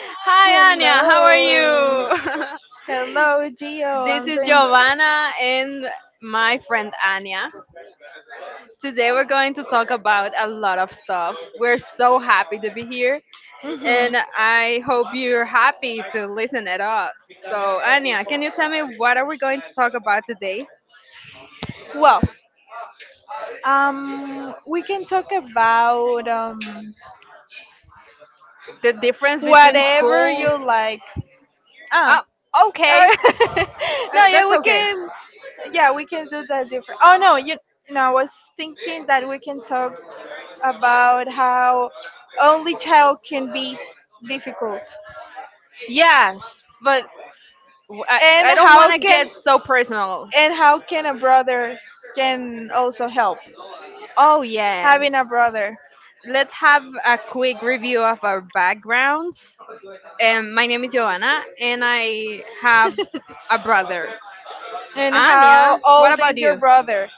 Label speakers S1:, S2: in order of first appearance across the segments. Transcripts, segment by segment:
S1: Hi, Anya. How are
S2: Hello.
S1: you?
S2: Hello, Gio.
S1: This
S2: I'm
S1: is
S2: doing.
S1: Giovanna and my friend Anya. Today we're going to talk about a lot of stuff. We're so happy to be here,
S2: Hmm.
S1: and I hope you're happy to listen at us. So, Anya, can you tell me what are we going to talk about today?
S2: Well, we can talk about
S1: The difference between
S2: whatever you
S1: schools.
S2: like. Ah.
S1: Oh,
S2: uh,
S1: okay.
S2: no, yeah,
S1: That's
S2: we
S1: okay.
S2: can. Yeah, we can do that different. Oh no, you. No, I was thinking that we can talk about how only child can be difficult,
S1: Yes, but w- I,
S2: and
S1: I don't
S2: how
S1: want to
S2: can
S1: get so personal.
S2: and how can a brother can also help
S1: Oh,
S2: having a
S1: yes.
S2: brother.
S1: Let's have a quick review of our backgrounds. My name is Giovanna, and I have a brother.
S2: And how
S1: Anya, what
S2: old
S1: about
S2: is your
S1: you?
S2: brother?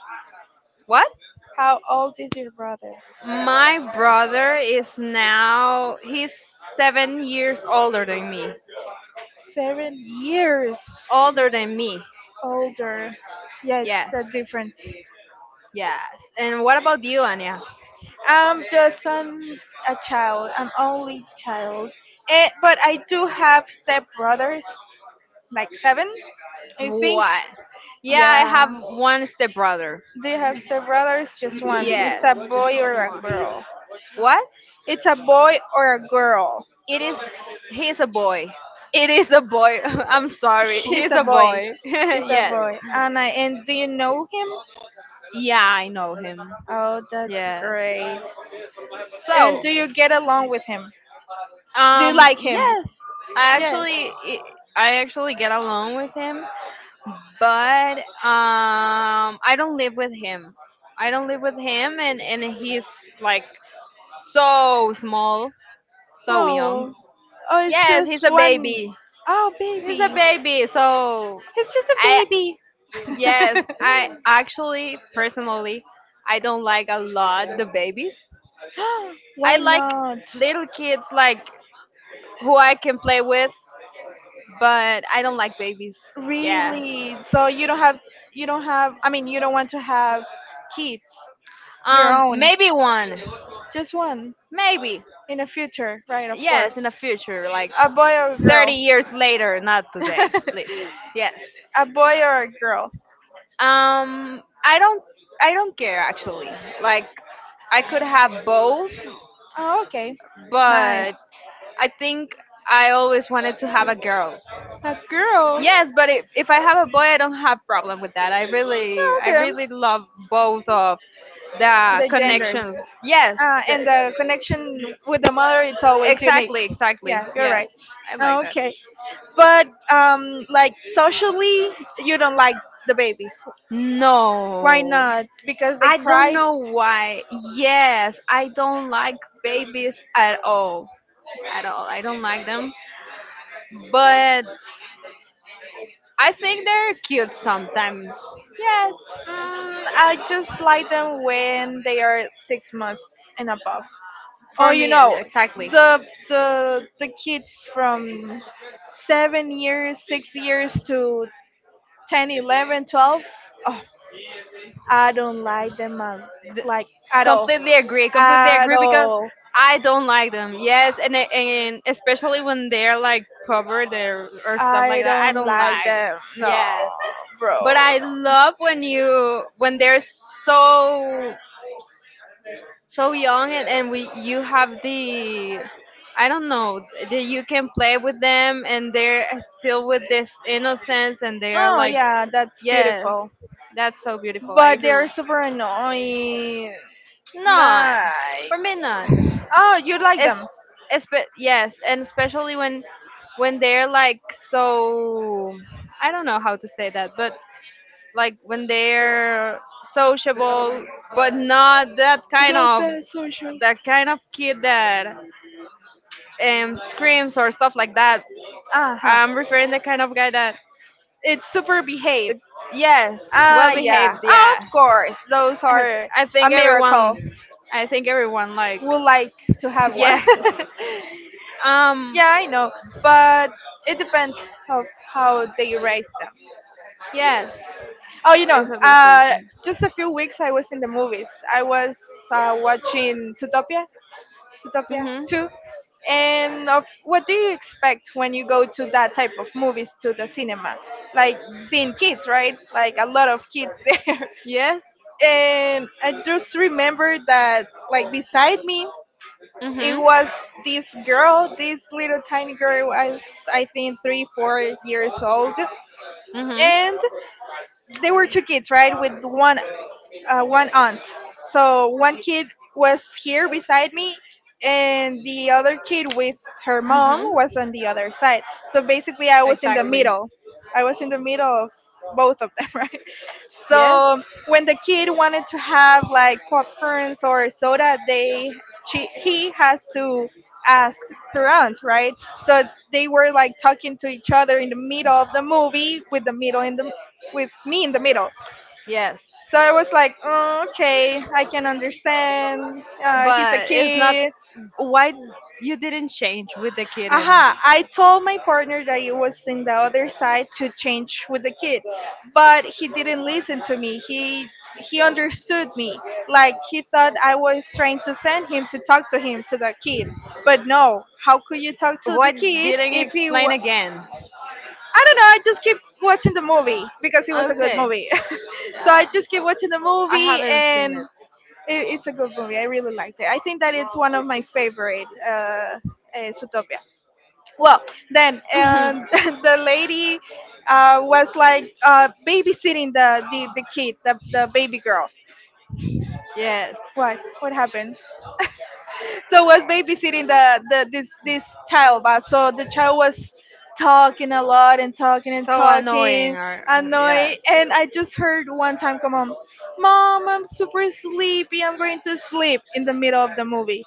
S1: What?
S2: How old is your brother?
S1: My brother is now, he's 7 years older than me.
S2: 7 years
S1: Older than me,
S2: older. Yeah, it's
S1: yes.
S2: a difference.
S1: Yes. And what about you, Anya?
S2: I'm just a child. I'm only child. And, but I do have stepbrothers, like seven, I think.
S1: What? Yeah, I have
S2: Yeah.
S1: one stepbrother.
S2: Do you have stepbrothers? Just one. It's a
S1: Yes,
S2: boy
S1: just
S2: or a
S1: one.
S2: girl.
S1: What?
S2: It's a boy or a girl.
S1: It is. He's a boy. It is a boy. I'm sorry.
S2: He's
S1: He's
S2: a
S1: a
S2: boy.
S1: boy.
S2: He's a
S1: Yes.
S2: boy. And do you know him?
S1: Yeah, I know him.
S2: Oh, that's
S1: Yes.
S2: great. And
S1: So,
S2: do you get along with him? Do you like him?
S1: yes, I
S2: Yes.
S1: actually, I actually get along with him, but I don't live with him. I don't live with him, and he's like so small, so young.
S2: Oh. Oh, it's
S1: Yes, he's
S2: just
S1: a
S2: one.
S1: baby.
S2: Oh,
S1: He's a
S2: baby.
S1: baby. So,
S2: He's just a
S1: I
S2: baby.
S1: yes, I actually personally I don't like a lot the babies. I
S2: Why
S1: like
S2: not?
S1: little kids like who I can play with, but I don't like babies. Yes.
S2: Really? So you don't have, I mean, you don't want to have kids your own.
S1: Maybe one.
S2: Just one
S1: Maybe.
S2: in the future, right, of
S1: Yes, in
S2: course.
S1: the future like
S2: A boy or a
S1: 30
S2: girl?
S1: years later, not today, please. Yes.
S2: A boy or a girl?
S1: Um I don't I don't care actually. Like I could have both,
S2: Oh, okay. Nice.
S1: but I think I always wanted to have a girl.
S2: A girl.
S1: Yes, but if I have a boy, I don't have problem with that.
S2: Oh,
S1: I
S2: okay.
S1: really love both of the
S2: The genders.
S1: connections. Yes, the,
S2: And the connection with the mother, it's always unique.
S1: exactly.
S2: Yeah, you're
S1: Yes,
S2: right.
S1: I
S2: Oh,
S1: like that.
S2: okay. But, like, socially, you don't like the babies. Why
S1: No,
S2: not? Because they
S1: I don't
S2: cry?
S1: know why. Yes, I don't like babies at all, at all. I don't like them, but I think they're cute sometimes. Yes,
S2: I just like them when they are 6 months and above. Oh,
S1: for
S2: you
S1: me,
S2: know,
S1: exactly.
S2: the the the kids from 7 years, 6 years to 10, 11, 12. Oh, I don't like them
S1: Th-
S2: like, at all.
S1: completely
S2: At
S1: agree because
S2: all.
S1: I don't like them, yes, and especially when they're like covered or stuff like
S2: I
S1: that I
S2: don't
S1: don't
S2: like
S1: like,
S2: them. No,
S1: yes,
S2: bro.
S1: but I
S2: No.
S1: love when they're so so young, and we you have the, I don't know, that you can play with them, and they're still with this innocence, and they are
S2: Oh
S1: like,
S2: yeah, that's
S1: yes,
S2: beautiful.
S1: that's so beautiful. I
S2: But they're
S1: really
S2: super annoying.
S1: no
S2: Like,
S1: for me, not.
S2: oh, you like
S1: es,
S2: them?
S1: yes, and especially when they're like so, I don't know how to say that, but like when they're sociable, but not that kind
S2: Not
S1: of
S2: that social.
S1: that kind of kid that screams or stuff like that.
S2: Uh huh.
S1: I'm referring the kind of guy that,
S2: It's super behave.
S1: yes, well
S2: Ah,
S1: behaved,
S2: yeah. Ah, of
S1: yes.
S2: course. Those
S1: I
S2: are
S1: I
S2: a
S1: think
S2: miracle.
S1: everyone I think everyone like,
S2: Would like to have one.
S1: yes. Um
S2: Yeah, I know. But it depends of how they raise them.
S1: yes,
S2: Oh,
S1: it's obviously.
S2: just a few weeks I was in the movies. I was watching Zootopia, Zootopia
S1: Mhm.
S2: 2. And of what do you expect when you go to that type of movies to the cinema? Like seeing kids, right? Like a lot of kids there.
S1: Yes.
S2: And I just remember that, like, beside me it
S1: Mhm.
S2: was this girl, this little tiny girl was, I think, three, 4 years old,
S1: Mhm.
S2: and they were two kids, right, with one aunt. So one kid was here beside me, and the other kid with her mom
S1: Mhm.
S2: was on the other side. So basically, I was in the
S1: Exactly.
S2: middle. I was in the middle of both of them, right?
S1: Yes.
S2: So when the kid wanted to have like popcorns or soda, he has to ask her aunt, right? So they were like talking to each other in the middle of the movie, with me in the middle.
S1: Yes.
S2: So I was like, "Oh, okay, I can understand. He's a
S1: But it's not
S2: kid."
S1: why you didn't change with the kitten.
S2: Aha, I told my partner that it was in the other side to change with the kid, but he didn't listen to me. He understood me. Like, he thought I was trying to send him to talk to him, to the kid. But no, how could you talk to the
S1: Why
S2: kid
S1: didn't you
S2: if he
S1: explain
S2: wa-
S1: again?
S2: I don't know, I just keep watching the movie because it was a good
S1: Okay.
S2: movie. So
S1: Yeah.
S2: I just keep watching the
S1: I
S2: movie,
S1: haven't seen
S2: and
S1: it.
S2: it's a good movie. I really liked it. I think that it's one of my favorite Zootopia, well, then, and the lady was like, babysitting the kid, the baby girl.
S1: Yes.
S2: Why? What happened? So was babysitting the, this child, but so the child was talking a lot and talking and
S1: So annoying.
S2: talking, annoyed,
S1: Yes.
S2: and I just heard one time, "Come on, mom, I'm super sleepy, I'm going to sleep in the middle of the movie."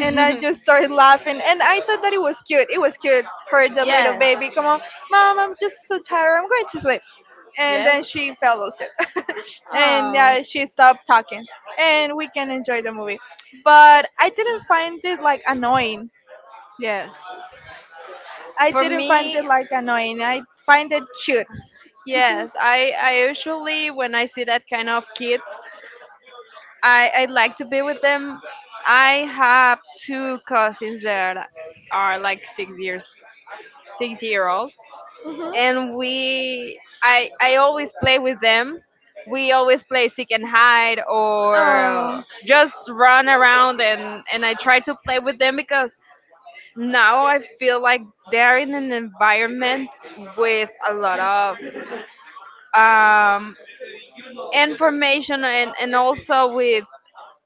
S2: And I just started laughing. And I thought that it was cute. It was cute. Her, the little
S1: Yes.
S2: baby, "Come on, mom, I'm just so tired, I'm going to sleep." And
S1: Yes.
S2: then she fell asleep. And
S1: Oh,
S2: yeah, she stopped talking. And we can enjoy the movie. But I didn't find it like annoying.
S1: yes.
S2: I
S1: For
S2: didn't find it
S1: me,
S2: like annoying. I find it cute.
S1: yes. I usually when I see that kind of kids, I like to be with them. I have two cousins that are like 6 years, 6 year old, and
S2: Hmm.
S1: we I always play with them. We always play seek and hide or
S2: Oh,
S1: just run around, and I try to play with them because now I feel like they're in an environment with a lot of um, information, and also with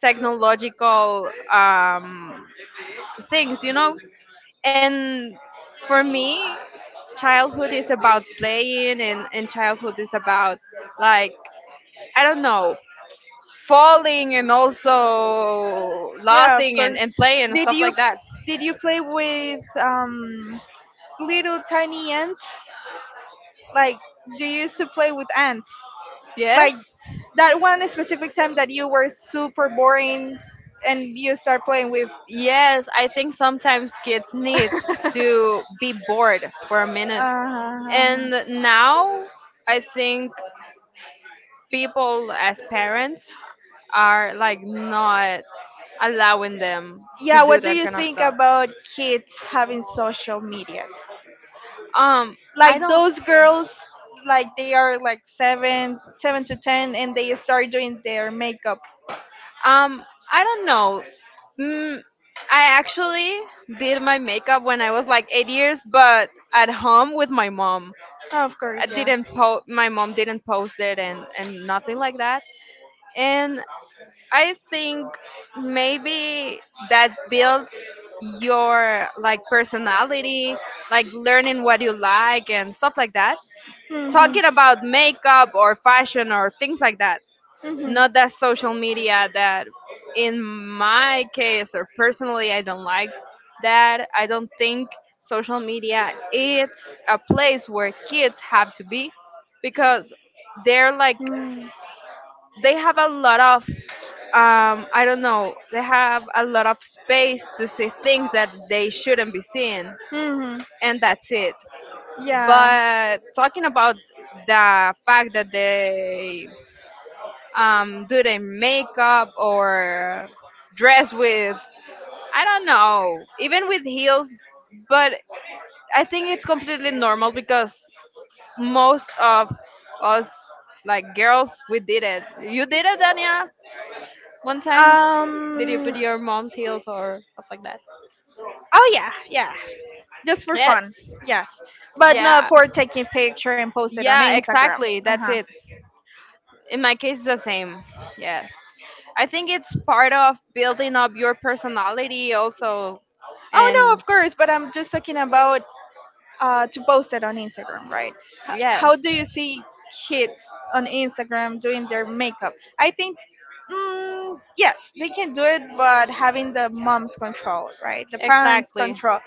S1: technological things, you know? And for me, childhood is about playing, and childhood is about, like, I don't know, falling and also
S2: yeah, of
S1: laughing,
S2: course.
S1: and playing and
S2: Did
S1: stuff
S2: you
S1: like that.
S2: did you play with little tiny ants? Like, you used to play with ants. Like,
S1: Yes?
S2: that one specific time that you were super boring and you start playing with.
S1: Yes, I think sometimes kids needs to be bored for a minute.
S2: Uh,
S1: And now I think people as parents are like not allowing them to
S2: yeah,
S1: do
S2: what do
S1: that
S2: you
S1: kind of
S2: think
S1: stuff.
S2: about kids having social medias?
S1: Um I
S2: Like
S1: don't
S2: those girls, like they are like 7 to 10, and they start doing their makeup.
S1: um I don't know. Mm, I actually did my makeup when I was like 8 years but at home with my mom.
S2: Of
S1: I
S2: course, yeah.
S1: didn't po- My mom didn't post it and nothing like that, and I think maybe that builds your like personality, like learning what you like and stuff like that.
S2: Mhm.
S1: Talking about makeup or fashion or things like that,
S2: Mhm.
S1: not that social media that in my case or personally I don't like that. I don't think social media it's a place where kids have to be because they're like
S2: Hmm.
S1: they have a lot of I don't know, they have a lot of space to see things that they shouldn't be seeing,
S2: See.
S1: and that's it.
S2: Hmm. Yeah.
S1: But talking about the fact that they do their makeup or dress with, I don't know, even with heels, but I think it's completely normal because most of us, like girls, we did it. You did it, Dania, one time? Did you put
S2: Um.
S1: your mom's heels or stuff like that?
S2: Oh yeah, yeah. Just for fun.
S1: Yes.
S2: Yes, but not
S1: Yeah.
S2: for taking picture and post it on
S1: Yeah,
S2: Instagram.
S1: exactly.
S2: Uh
S1: That's
S2: huh. Exactly.
S1: it. In my case, it's the same. Yes. I think it's part of building up your personality also.
S2: Oh no,
S1: And
S2: of course. But I'm just talking about to post it on Instagram, right? How
S1: yes,
S2: do you see kids on Instagram doing their makeup? I think, yes, they can do it, but having the mom's control, right? The parents'
S1: exactly.
S2: control,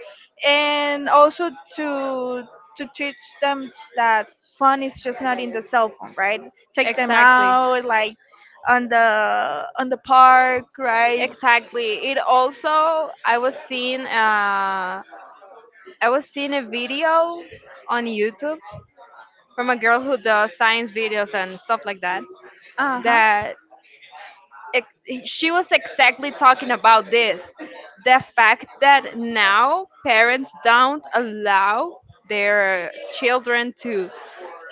S2: and also to to teach them that fun is just not in the cell phone, right? Take them
S1: Exactly.
S2: out, like, on the park, right?
S1: Exactly. It also, I was seeing a video on YouTube from a girl who does science videos and stuff like that.
S2: Uh huh.
S1: That she was exactly talking about this, the fact that now parents don't allow their children to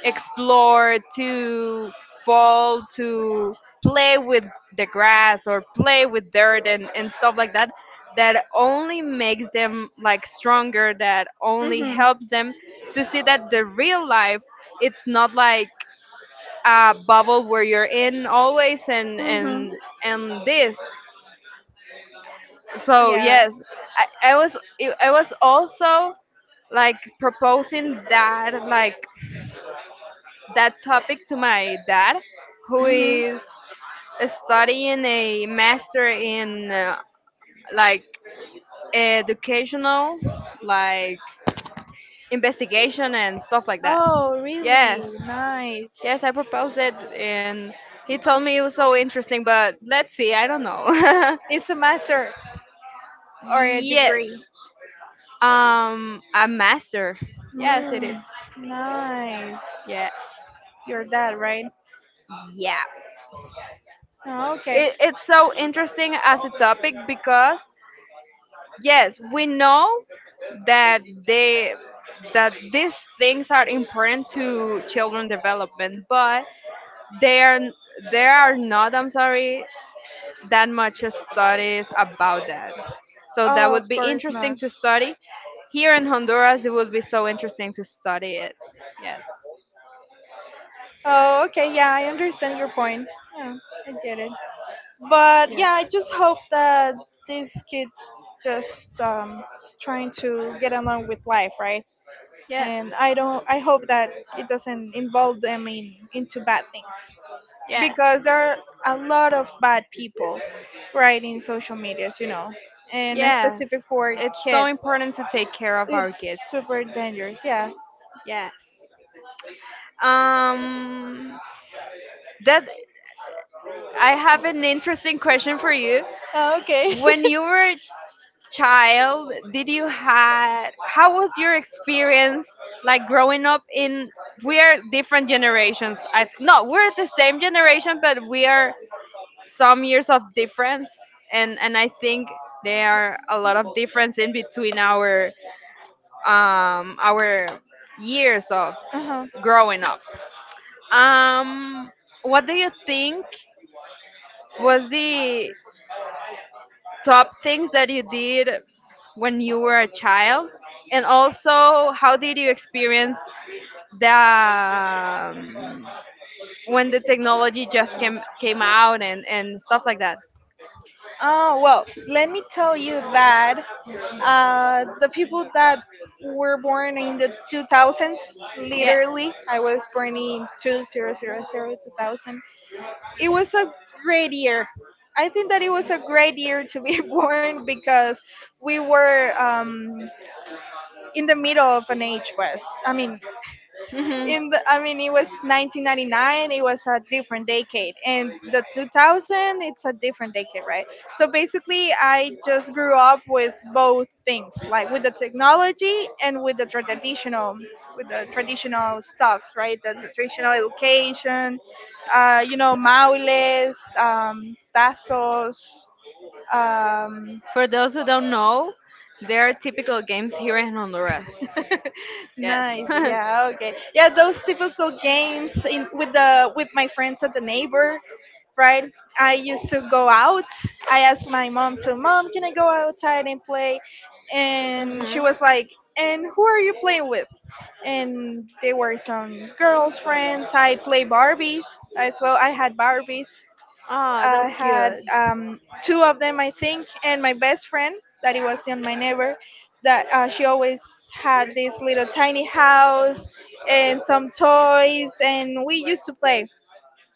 S1: explore, to fall, to play with the grass or play with dirt and stuff like that, that only makes them like stronger, that only
S2: Mhm.
S1: helps them to see that the real life it's not like bubble where you're in always and
S2: Mhm.
S1: and and this, so
S2: Yeah.
S1: yes. I was also like proposing that like that topic to my dad who
S2: Mhm.
S1: is studying a master in like educational like investigation and stuff like that.
S2: Oh,
S1: Yes.
S2: really? Nice.
S1: Yes, I proposed it, and he told me it was so interesting, but let's see, I don't know.
S2: It's a master or a
S1: Yes.
S2: degree?
S1: A master. Yes, it
S2: Mm,
S1: is.
S2: nice.
S1: Yes.
S2: Your dad, right?
S1: Yeah.
S2: Oh, okay.
S1: It, it's so interesting as a topic because yes, we know that they that these things are important to children development, but they are n- there are not, I'm sorry, that much studies about that. So that
S2: Oh, of
S1: would be
S2: course
S1: interesting
S2: not.
S1: to study. Here in Honduras, it would be so interesting to study it. Yes.
S2: Oh, okay. Yeah, I understand your point. Yeah, I get it. But yeah,
S1: Yes.
S2: I just hope that these kids just trying to get along with life, right?
S1: Yes.
S2: And I don't. I hope that it doesn't involve them in into bad things,
S1: Yes.
S2: because there are a lot of bad people, right, in social medias, and
S1: Yes.
S2: specific for
S1: It's so
S2: kids.
S1: important to take care of our
S2: It's
S1: kids.
S2: super dangerous. Yeah.
S1: Yes. Um that I have an interesting question for you.
S2: Oh, okay.
S1: When you were a child, did you had how was your experience like growing up in, we're different generations. I th- no, We're the same generation, but we are some years of difference, and I think there are a lot of difference in between our years of
S2: Uh-huh.
S1: growing up. Um, what do you think was the top things that you did when you were a child? And also, how did you experience the when the technology just came out and stuff like that?
S2: Oh, well, let me tell you that the people that were born in the 2000s,
S1: Yes.
S2: literally, I was born in 2000. It was a great year. I think that it was a great year to be born, because we were, in the middle of an age was. I mean,
S1: Hmm.
S2: I mean, it was 1999. It was a different decade, and the 2000, it's a different decade, right? So basically, I just grew up with both things, like with the technology and with the traditional stuffs, right? The traditional education, maules, tazos. Um,
S1: For those who don't know, there are typical games here in Honduras. Yes.
S2: nice, yeah, okay, yeah, those typical games in with the with my friends at the neighbor, right? I used to go out. I asked my mom to, "Mom, can I go outside and play?" And she
S1: Mm-hmm.
S2: was like, "And who are you playing with?" And they were some girls' friends. I play Barbies as well. I had Barbies.
S1: Oh,
S2: I
S1: that's
S2: had,
S1: cute.
S2: two of them, I think, and my best friend that it was in my neighbor. That she always had this little tiny house and some toys, and we used to play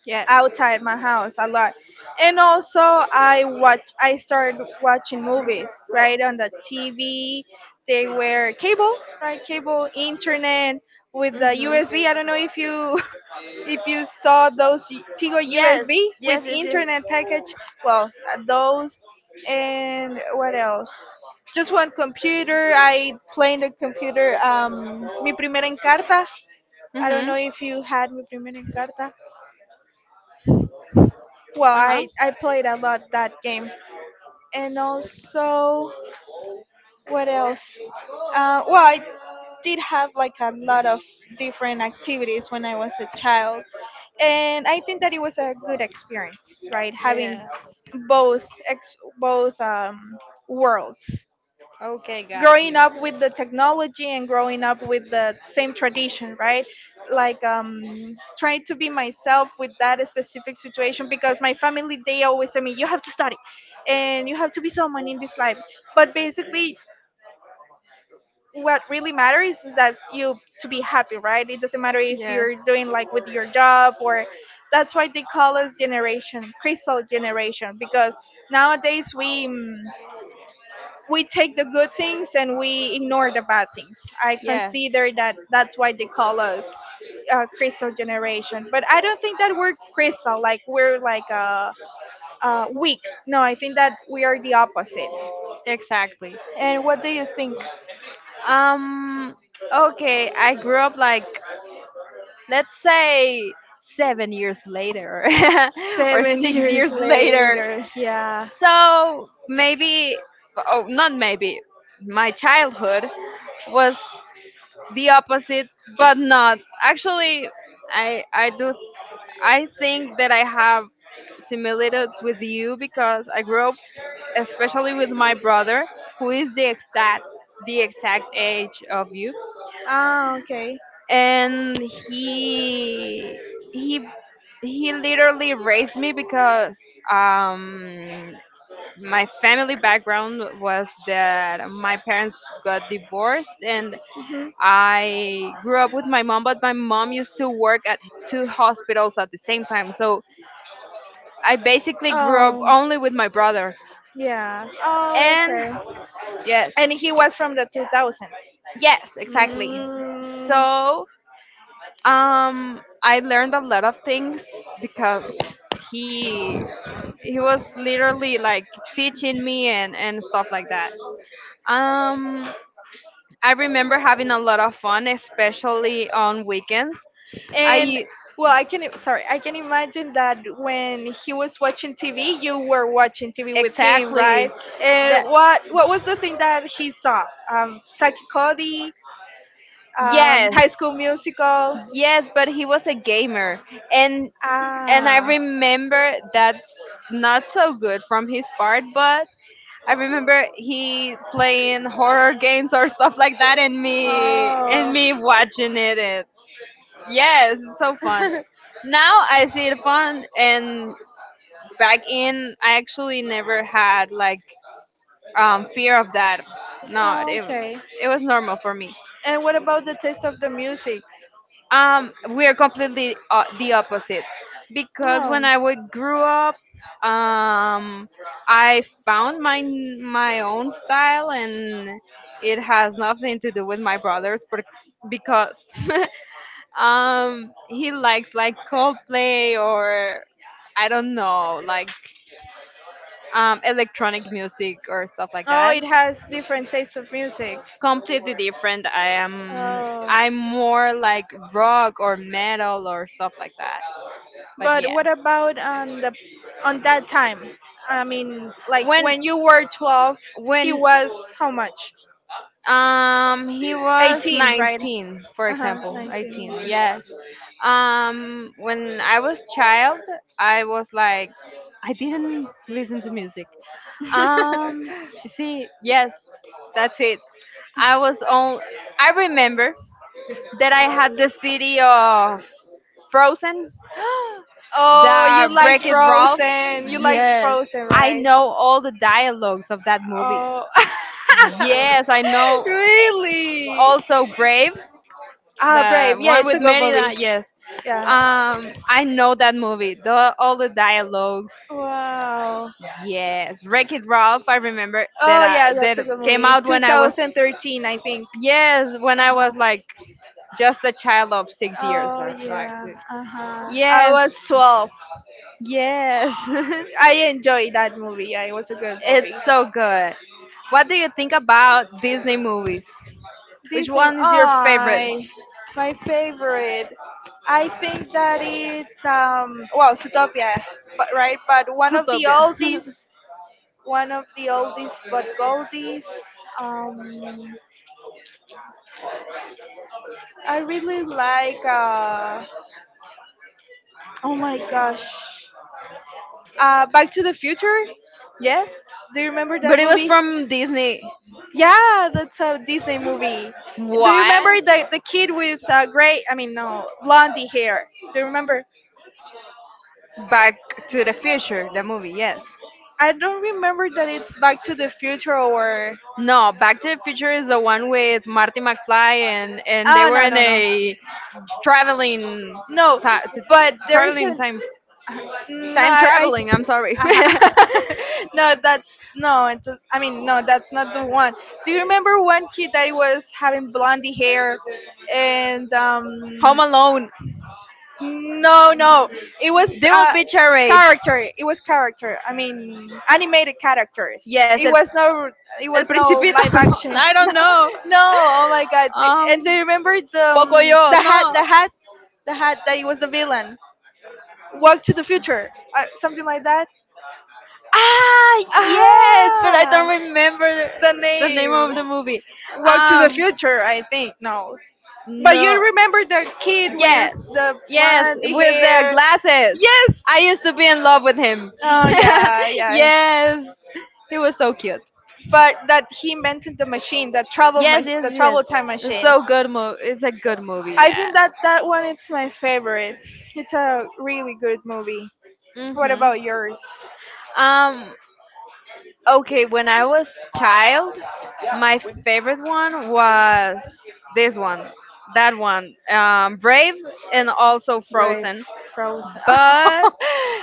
S1: Yes.
S2: outside my house a lot. And also I started watching movies right on the TV. They were cable, right? Cable, internet with the
S1: Mm-hmm.
S2: USB. I don't know if you if you saw those Tigo
S1: Yes.
S2: USB with
S1: Yes, yes, yes.
S2: internet package. Well, those, and what else? Just one computer. I play in the computer. Mi primera encarta. I don't
S1: Mm-hmm.
S2: know if you had mi primera encarta. Well,
S1: Uh-huh.
S2: I played a lot that game. And also, what else? Well, I did have like a lot of different activities when I was a child. And I think that it was a good experience, right? Having
S1: Yes.
S2: both, worlds,
S1: Okay, got
S2: growing
S1: you.
S2: up with the technology and growing up with the same tradition, right, like, trying to be myself with that specific situation, because my family, they always tell me you have to study and you have to be someone in this life, but basically what really matters is that you to be happy, right? It doesn't matter if
S1: Yes.
S2: you're doing like with your job. Or, that's why they call us generation crystal generation, because nowadays we take the good things and we ignore the bad things. I
S1: Yes.
S2: consider that that's why they call us crystal generation. But I don't think that we're crystal, like we're like weak. No, I think that we are the opposite.
S1: Exactly.
S2: And what do you think?
S1: Um okay, I grew up like, let's say, 7 years later or
S2: Seven
S1: 6
S2: years
S1: years later.
S2: later, yeah.
S1: So, maybe oh, not maybe. My childhood was the opposite, but not. Actually, I I do th- I think that I have similitudes with you because I grew up especially with my brother who is the exact age of you,
S2: Ah, okay.
S1: and he he literally raised me because my family background was that my parents got divorced, and
S2: Hmm.
S1: I grew up with my mom, but my mom used to work at 2 hospitals at the same time. So I basically grew up
S2: Oh,
S1: only with my brother.
S2: yeah. Oh,
S1: And
S2: okay.
S1: yes,
S2: And he was from the 2000s.
S1: yes, exactly.
S2: Mm,
S1: So I learned a lot of things because he he was literally like teaching me and stuff like that. Um, I remember having a lot of fun, especially on weekends.
S2: And
S1: I
S2: well, sorry, I can imagine that when he was watching TV, you were watching TV with him, right?
S1: exactly
S2: And
S1: that
S2: what was the thing that he saw? Saki Cody,
S1: Yes,
S2: High School Musical.
S1: yes, but he was a gamer, and and I
S2: Ah,
S1: remember that's not so good from his part. But I remember he playing horror games or stuff like that, and
S2: oh,
S1: me watching it. It's, yes, it's so fun. Now I see it fun, and back in I actually never had like fear of that. No,
S2: oh, okay.
S1: it was normal for me.
S2: And what about the taste of the music?
S1: We are completely the opposite because
S2: No,
S1: when I would grew up, um, I found my own style, and it has nothing to do with my brothers, but because he likes like Coldplay or I don't know like electronic music or stuff like
S2: oh,
S1: that.
S2: it has different taste of music.
S1: Completely different.
S2: Oh,
S1: I'm more like rock or metal or stuff like that. But
S2: but
S1: yes.
S2: what about on the on that time? I mean, like
S1: when
S2: when you were 12, he
S1: when
S2: was how much?
S1: um he was
S2: 18, right?
S1: 19, for
S2: Uh-huh,
S1: example, 18.
S2: 19.
S1: Yes. When I was child, I was like, I didn't listen to music. um you see, yes, that's it. I was on I remember that I had the city of Frozen,
S2: Oh,
S1: the
S2: you
S1: Break
S2: like
S1: It Ralph.
S2: Frozen. You like
S1: Yes,
S2: Frozen,
S1: I
S2: right?
S1: know all the dialogues of that movie.
S2: Oh.
S1: Yes, I know.
S2: Really?
S1: Also Brave,
S2: Ah,
S1: the
S2: Brave. Yeah,
S1: one
S2: it's
S1: with
S2: a good movie.
S1: Merida. Yes,
S2: Yeah.
S1: I know that movie. The all the dialogues.
S2: Wow.
S1: Yes, Wreck It Ralph. I remember that
S2: Oh yeah,
S1: I
S2: that's
S1: that
S2: a good
S1: came
S2: movie.
S1: out when I was.
S2: 2013, I think.
S1: Yes, when I
S2: Uh-huh.
S1: was like just a child of 6 years
S2: Oh
S1: or like.
S2: yeah. Uh-huh. I
S1: Yes,
S2: was 12.
S1: yes.
S2: I enjoyed that movie. Yeah, it was a good movie.
S1: It's so good. What do you think about Disney movies? Which
S2: Disney.
S1: one is your favorite?
S2: I my favorite. I think that it's well, Zootopia, but right, but one of the
S1: Zootopia.
S2: oldies, one of the oldies but goldies. Um, I really like oh my gosh, Back to the Future.
S1: Yes,
S2: Do you remember that
S1: but it was
S2: movie?
S1: from Disney.
S2: Yeah, that's a Disney movie. Do you remember
S1: What?
S2: the kid with gray? I mean, no, blondie hair. Do you remember?
S1: Back to the Future, the movie, yes.
S2: I don't remember that it's Back to the Future or.
S1: No, Back to the Future is the one with Marty McFly and they
S2: Oh
S1: were
S2: no
S1: in
S2: no no
S1: a traveling
S2: no!
S1: ti- t-
S2: But there is
S1: traveling
S2: an.
S1: time.
S2: uh, No,
S1: Time
S2: I.
S1: traveling, I'm sorry.
S2: I no, that's no. I mean, no, that's not the one. Do you remember one kid that was having blondie hair, and
S1: Home Alone.
S2: no, no. It was
S1: They will be charades.
S2: character. It was character. I mean, animated characters.
S1: Yes,
S2: It
S1: el,
S2: was no. It
S1: el
S2: was no
S1: Principito.
S2: live
S1: No,
S2: action.
S1: I don't
S2: No,
S1: know.
S2: no. Oh my god. And do you
S1: Um,
S2: remember
S1: Pocoyo.
S2: the hat? The
S1: No.
S2: hat. The hat that he was the villain. Walk to the future. Something like that.
S1: Ah, yes, but I
S2: Ah,
S1: don't remember
S2: the
S1: the name
S2: name.
S1: of the movie.
S2: Walk to the
S1: Um,
S2: future. I think no. But you
S1: no.
S2: remember the kid with
S1: Yes,
S2: the
S1: yes,
S2: blonde
S1: with the
S2: hair?
S1: glasses.
S2: Yes,
S1: I used to be in love with him.
S2: oh yeah, yeah.
S1: Yes, he was so cute.
S2: But that he invented the machine,
S1: Yes, yes,
S2: the
S1: yes.
S2: travel time
S1: It's
S2: machine.
S1: so good movie. It's a good movie.
S2: I think
S1: Yes.
S2: that that one is my favorite. It's a really good movie. What
S1: Mhm.
S2: about yours?
S1: Um. Okay. When I was child, my favorite one was this one, that one, Brave, and also
S2: Brave,
S1: Frozen.
S2: Frozen.
S1: But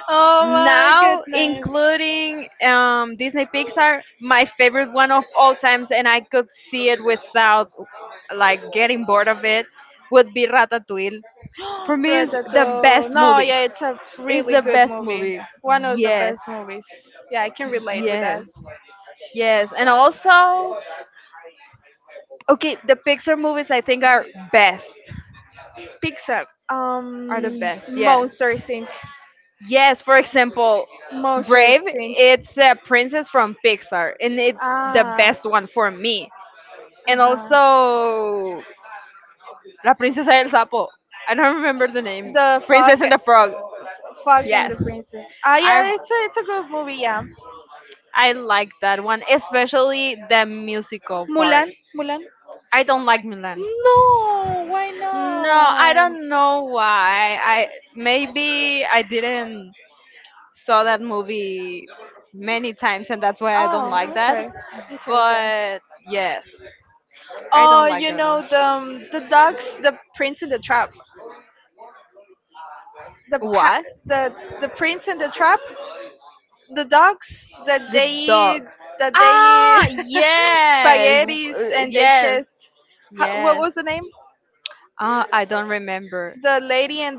S2: Oh my
S1: now
S2: goodness.
S1: including Disney Pixar, my favorite one of all times, and I could see it without like getting bored of it, would be Ratatouille. For me, it's the
S2: Ratatouille.
S1: best
S2: No,
S1: movie.
S2: yeah, it's a
S1: It's
S2: really
S1: the
S2: good
S1: best
S2: movie.
S1: movie.
S2: One of the
S1: Yes,
S2: best movies. Yeah, I can relate with that.
S1: yes, yes. And also, okay, the Pixar movies I think are best.
S2: Pixar.
S1: Are the best. Yes,
S2: Monster Inc.
S1: yes. For example,
S2: Monster
S1: Brave.
S2: Inc.
S1: It's a princess from Pixar, and it's the
S2: Ah.
S1: best one for me and
S2: Uh-huh.
S1: also La Princesa del Sapo. I don't remember the name.
S2: The Fog.
S1: Princess and the Frog.
S2: Fog and the
S1: Yes,
S2: Princess. Ah,
S1: I
S2: yeah, it's a good movie. Yeah.
S1: I like that one, especially the musical part.
S2: Mulan. Mulan.
S1: I don't like Milan.
S2: No, why
S1: No, I
S2: not?
S1: don't know why. I Maybe I didn't saw that movie many times, and that's why I don't like
S2: Oh,
S1: that.
S2: okay. Okay, okay.
S1: But yes, I
S2: Oh,
S1: don't like
S2: you
S1: that one.
S2: know the dogs, the pa-
S1: What?
S2: the prince in the trap, the dogs that
S1: The
S2: they eat
S1: dogs.
S2: that they
S1: Ah,
S2: eat
S1: yes,
S2: spaghettis and they
S1: yes,
S2: just what
S1: yes.
S2: was the name?
S1: Ah, I don't remember.
S2: The lady and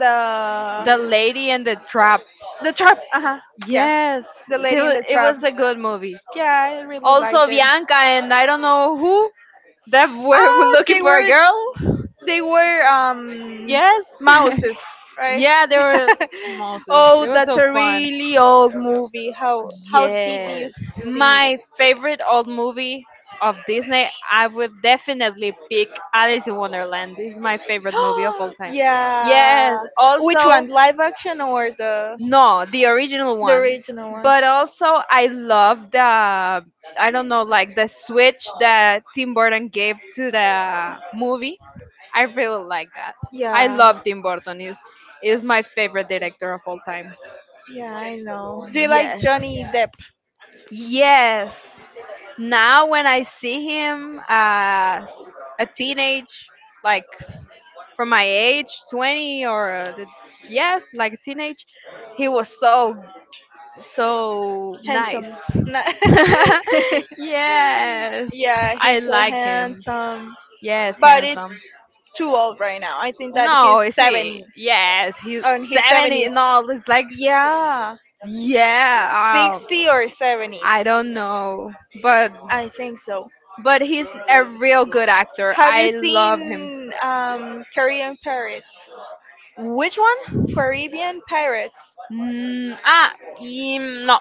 S1: The Lady and the Trap.
S2: the trap. Uh huh. Yeah,
S1: Yes,
S2: the lady in the
S1: it
S2: trap.
S1: was a good movie.
S2: Yeah, I really liked
S1: Also,
S2: it.
S1: Bianca and I don't know who that were
S2: Ah,
S1: looking
S2: they
S1: for a
S2: were
S1: girl.
S2: They were
S1: Yes.
S2: mouses, right?
S1: Yeah, they were Moses. It
S2: Oh,
S1: was
S2: that's
S1: so
S2: a
S1: fun.
S2: really old movie. How did you
S1: Yes.
S2: see?
S1: My favorite old movie of Disney, I would definitely pick Alice in Wonderland. This is my favorite movie of all time. Yes.
S2: Yeah. Which
S1: Also,
S2: one? Live action or
S1: no, the original
S2: the
S1: one.
S2: original one?
S1: But also, I love the, I don't know, like the switch that Tim Burton gave to the movie. I really like that. I
S2: Yeah.
S1: love Tim Burton. Is my favorite director of all time.
S2: Yeah, I know. Do you like
S1: Yes.
S2: Johnny Depp?
S1: Yes. Now when I see him as a teenage, like from my age, 20, or yes, like a teenage, he was so, so
S2: Handsome.
S1: nice.
S2: No.
S1: Yes,
S2: Yeah,
S1: I
S2: he's so
S1: like him.
S2: handsome.
S1: Yes,
S2: But it's
S1: handsome.
S2: too old right now. I think that he's
S1: No, you see,
S2: 70.
S1: yes, he's
S2: On his
S1: 70.
S2: 70s.
S1: No, all. It's like,
S2: Yeah,
S1: yeah, oh,
S2: 60 or 70s,
S1: I don't know. But
S2: I think so.
S1: he's a real good actor.
S2: Have you
S1: I love him.
S2: seen Korean pirates?
S1: Which one?
S2: Caribbean pirates?
S1: Mm, ah, mm, no.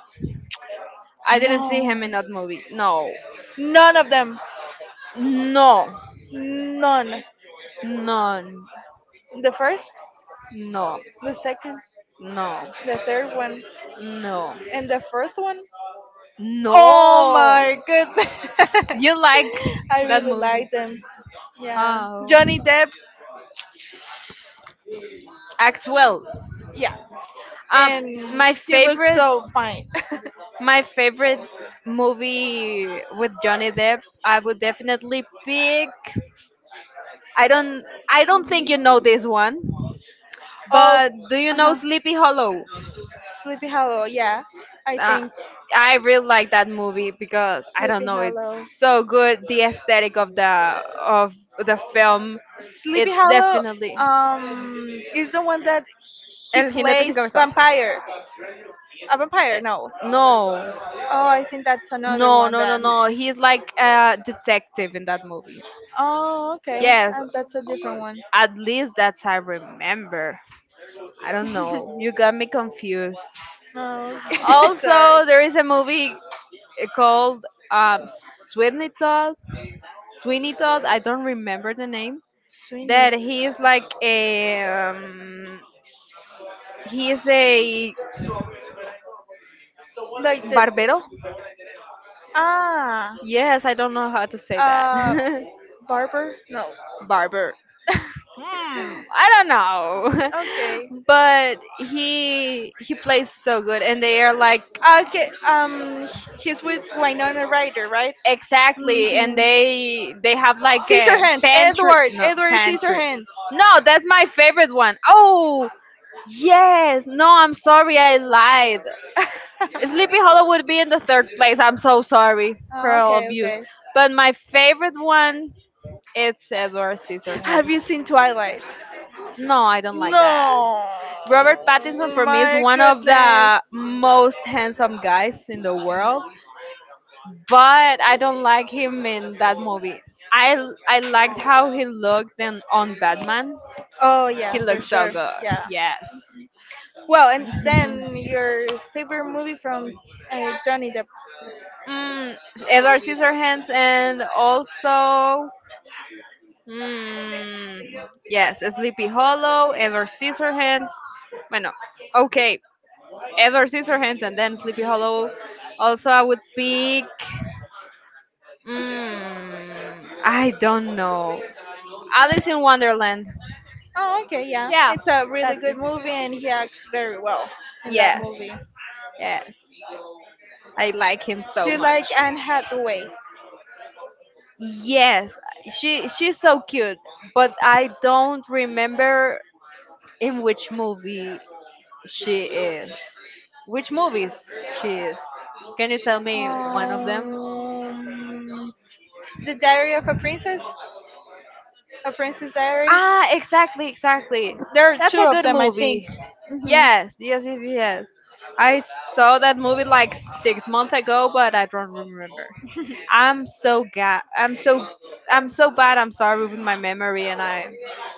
S1: I didn't see him in that movie. No.
S2: None of them.
S1: No.
S2: None.
S1: No.
S2: The first,
S1: No.
S2: the second,
S1: No.
S2: the third one,
S1: No.
S2: and the fourth one. Oh
S1: No.
S2: my goodness.
S1: You like
S2: I
S1: that
S2: really
S1: movie?
S2: like them. Yeah.
S1: Oh.
S2: Johnny Depp,
S1: Act well.
S2: yeah.
S1: Um,
S2: And
S1: my
S2: he looks
S1: favorite,
S2: so fine.
S1: my favorite movie with Johnny Depp, I would definitely pick. I don't, I don't think you know this one,
S2: Oh,
S1: but do you know
S2: uh-huh.
S1: Sleepy Hollow?
S2: Sleepy Hollow, yeah. I
S1: uh,
S2: think
S1: I really like that movie because I don't
S2: Sleepy
S1: know, it's
S2: Hollow.
S1: so good. The aesthetic of the film,
S2: Sleepy
S1: it's
S2: Hollow
S1: definitely
S2: is the one that he
S1: El jinete sin
S2: plays
S1: cabeza.
S2: vampire. A vampire,
S1: eh,
S2: no.
S1: no,
S2: Oh, I think that's another one then.
S1: no. He's like a detective in that movie.
S2: Oh, okay.
S1: Yes,
S2: That's a different
S1: or
S2: one.
S1: at least that's I remember. I don't know. You got me confused.
S2: Oh, okay. Sorry.
S1: Also, there is a movie called Sweeney Todd. Sweeney Todd. I don't remember the name
S2: Sweeney.
S1: that he is like a he is a
S2: Like the
S1: barbero.
S2: ah
S1: Yes, I don't know how to say that.
S2: uh barber? No.
S1: Barber. Hmm, I don't
S2: Okay.
S1: know. But he plays so good and they are like
S2: Okay, he's with Winona Ryder, right?
S1: exactly and
S2: Mhm.
S1: they have like a
S2: Scissorhands,
S1: pantry,
S2: Edward,
S1: no
S2: Edward
S1: pantry.
S2: Scissorhands.
S1: No, that's my favorite one. Oh, yes. No, I'm sorry I lied. Sleepy Hollow would be in the third place. I'm so sorry for
S2: oh,
S1: all
S2: okay,
S1: of you.
S2: okay.
S1: But my favorite one, it's Edward
S2: Have
S1: Scissorhands.
S2: you seen Twilight?
S1: No, I don't like that.
S2: No.
S1: Robert Pattinson for me is
S2: My
S1: one of
S2: goodness.
S1: the most handsome guys in the world, but I don't like him in that movie. I liked how he looked in on Batman.
S2: Oh
S1: He
S2: yeah, for
S1: looked so
S2: sure.
S1: good.
S2: Yeah.
S1: Yes.
S2: Well, and then your favorite movie from Johnny Depp.
S1: Mm, Edward Scissorhands and also. Mm, yes, Sleepy Hollow, Edward Scissorhands. Bueno, okay, Edward Scissorhands, and then Sleepy Hollow. Also, I would pick. Mm, I don't know. Alice in Wonderland.
S2: Oh, okay, yeah.
S1: Yeah,
S2: It's a really
S1: that's
S2: good
S1: it.
S2: movie and he acts very well.
S1: Yes, yes. I like him
S2: Do
S1: so
S2: you
S1: much.
S2: like Anne Hathaway?
S1: Yes, she she's so cute, but I don't remember in which movie she is. Which movies she is? Can you tell me one of them?
S2: Um, the Diary of a Princess? A Princess Diary?
S1: Ah, exactly, exactly.
S2: There are
S1: That's
S2: two
S1: a
S2: of
S1: good
S2: them, I think.
S1: movie.
S2: Hmm.
S1: Yes, yes, yes, yes. I saw that movie like 6 months ago, but I don't remember. I'm so, I'm so bad. I'm sorry with my memory, and I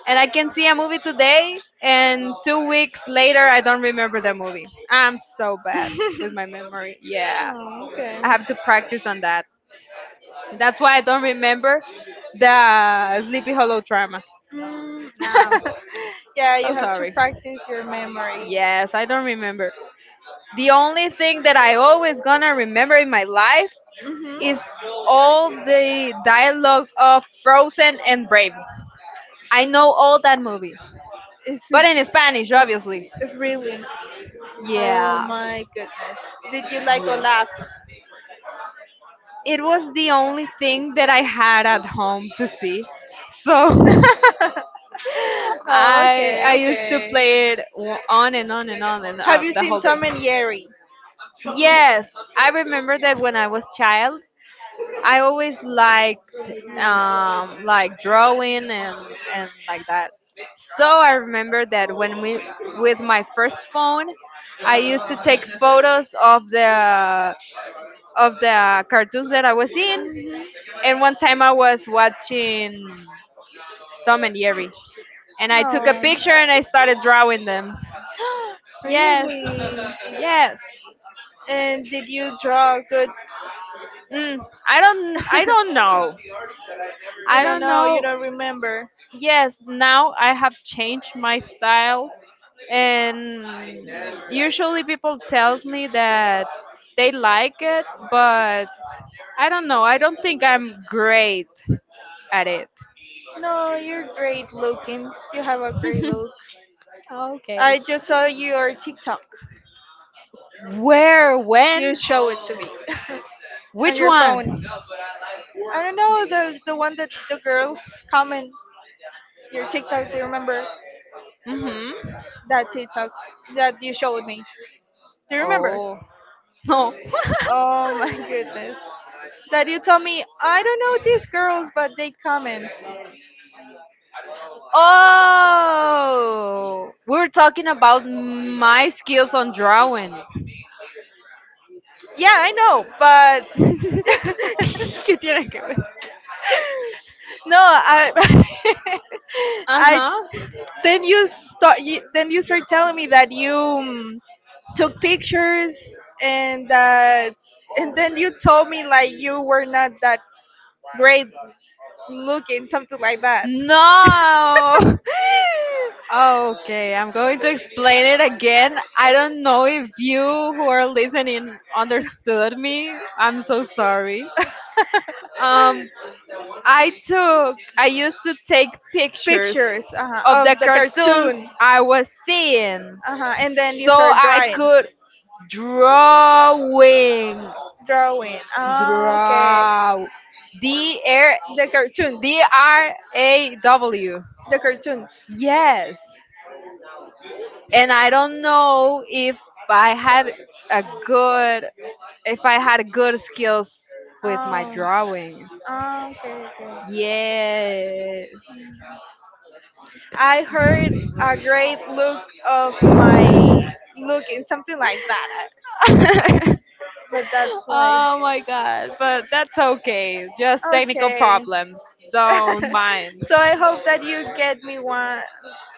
S1: can see a movie today, and 2 weeks later I don't remember the movie. I'm so bad with my memory. Yes,
S2: Oh, okay.
S1: I have to practice on that. That's why I don't remember the Sleepy Hollow drama.
S2: Mm.
S1: No,
S2: Yeah, you
S1: so
S2: have to
S1: sorry.
S2: practice your memory.
S1: Yes, I don't remember. The only thing that I always gonna remember in my life is
S2: Hmm.
S1: all the dialogue of Frozen and Brave. I know all that movie,
S2: Is
S1: but in Spanish,
S2: it
S1: obviously.
S2: really? Oh
S1: Yeah,
S2: my goodness. Did you like
S1: yes.
S2: Olaf?
S1: It was the only thing that I had at home to see, so
S2: Oh, okay,
S1: I used to
S2: okay.
S1: play it on and on and on and
S2: Have you
S1: the whole
S2: seen
S1: day.
S2: Tom and Jerry?
S1: Yes, I remember that when I was child, I always liked like drawing and like that. So I remember that when we with my first phone, I used to take photos of the cartoons that I was in. And one time I was watching Tom and Jerry, and I took a
S2: Oh.
S1: picture and I started drawing them. Yes,
S2: Really?
S1: yes.
S2: And did you draw a good?
S1: Mm, I don't know.
S2: You
S1: I
S2: don't
S1: don't
S2: know. You
S1: know.
S2: don't remember.
S1: Yes, now I have changed my style and usually people tells me that they like it, but I don't know, I don't think I'm great at it.
S2: No, you're great looking. You have a great look.
S1: Okay.
S2: I just saw your TikTok.
S1: Where,
S2: You
S1: when,
S2: show it to me on
S1: which
S2: your
S1: one?
S2: phone. I don't know the one that the girls comment your TikTok. Do you remember
S1: Mm-hmm.
S2: that TikTok that you showed me? Do you remember?
S1: Oh, no.
S2: Oh my goodness. That you told me, I don't know these girls, but they comment.
S1: Oh, we're talking about my skills on drawing.
S2: Yeah, I know, but
S1: ¿Qué tiene que ver?
S2: no, I, I
S1: Ajá.
S2: then you start, then you start telling me that you took pictures and that, and then you told me like you were not that great looking, something like that.
S1: No. Okay, I'm going to explain it again. I don't know if you who are listening understood me. I'm so sorry. Um, I took, I used to take pictures
S2: Pictures
S1: of
S2: of
S1: the
S2: the
S1: cartoons
S2: cartoon,
S1: I was seeing
S2: uh huh. And then you
S1: so
S2: start
S1: I
S2: drawing,
S1: could drawing,
S2: drawing. Ah, okay.
S1: draw, D R
S2: The cartoons.
S1: D R A W.
S2: The cartoons.
S1: Yes. And I don't know if I had a good, if I had good skills with my
S2: Oh.
S1: drawings.
S2: Oh okay, okay.
S1: Yes.
S2: I heard a great look of my look in something like that. But that's why.
S1: Oh my god, but that's okay. Just technical
S2: Okay.
S1: problems. Don't mind.
S2: So I hope that you get me one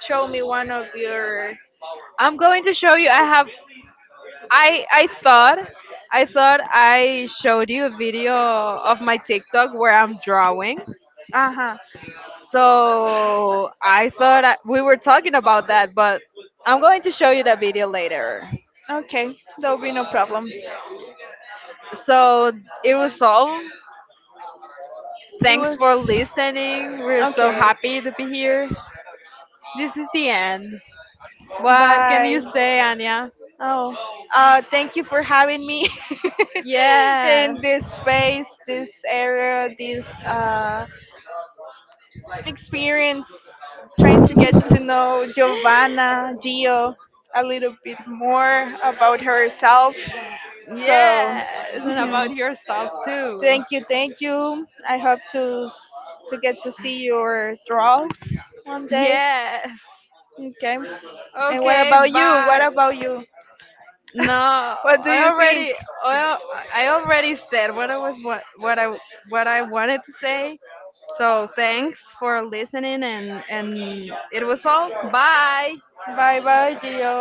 S2: show me one of your
S1: I'm going to show you. I thought, I thought I showed you a video of my TikTok where I'm drawing.
S2: uh-huh.
S1: So I thought we were talking about that, but I'm going to show you that video later.
S2: Okay. There'll be no problem.
S1: So it was all.
S2: It
S1: Thanks
S2: was
S1: for listening. We're so
S2: okay.
S1: happy to be here. This is the end. What can
S2: Bye.
S1: you say, Anya?
S2: Oh, thank you for having me
S1: Yes.
S2: in this space, this area, this experience, trying to get to know Giovanna, Gio, a little bit more about herself. So,
S1: Yes. And about
S2: mhm.
S1: yourself, too.
S2: Thank you. I hope to get to see your draws one day.
S1: Yes.
S2: Okay. And what
S1: Okay,
S2: about you? What
S1: bye.
S2: about you?
S1: No,
S2: What do
S1: I
S2: you think?
S1: already I already said what I was what I wanted to say. So thanks for listening and it was all. Bye.
S2: Bye bye, Gio.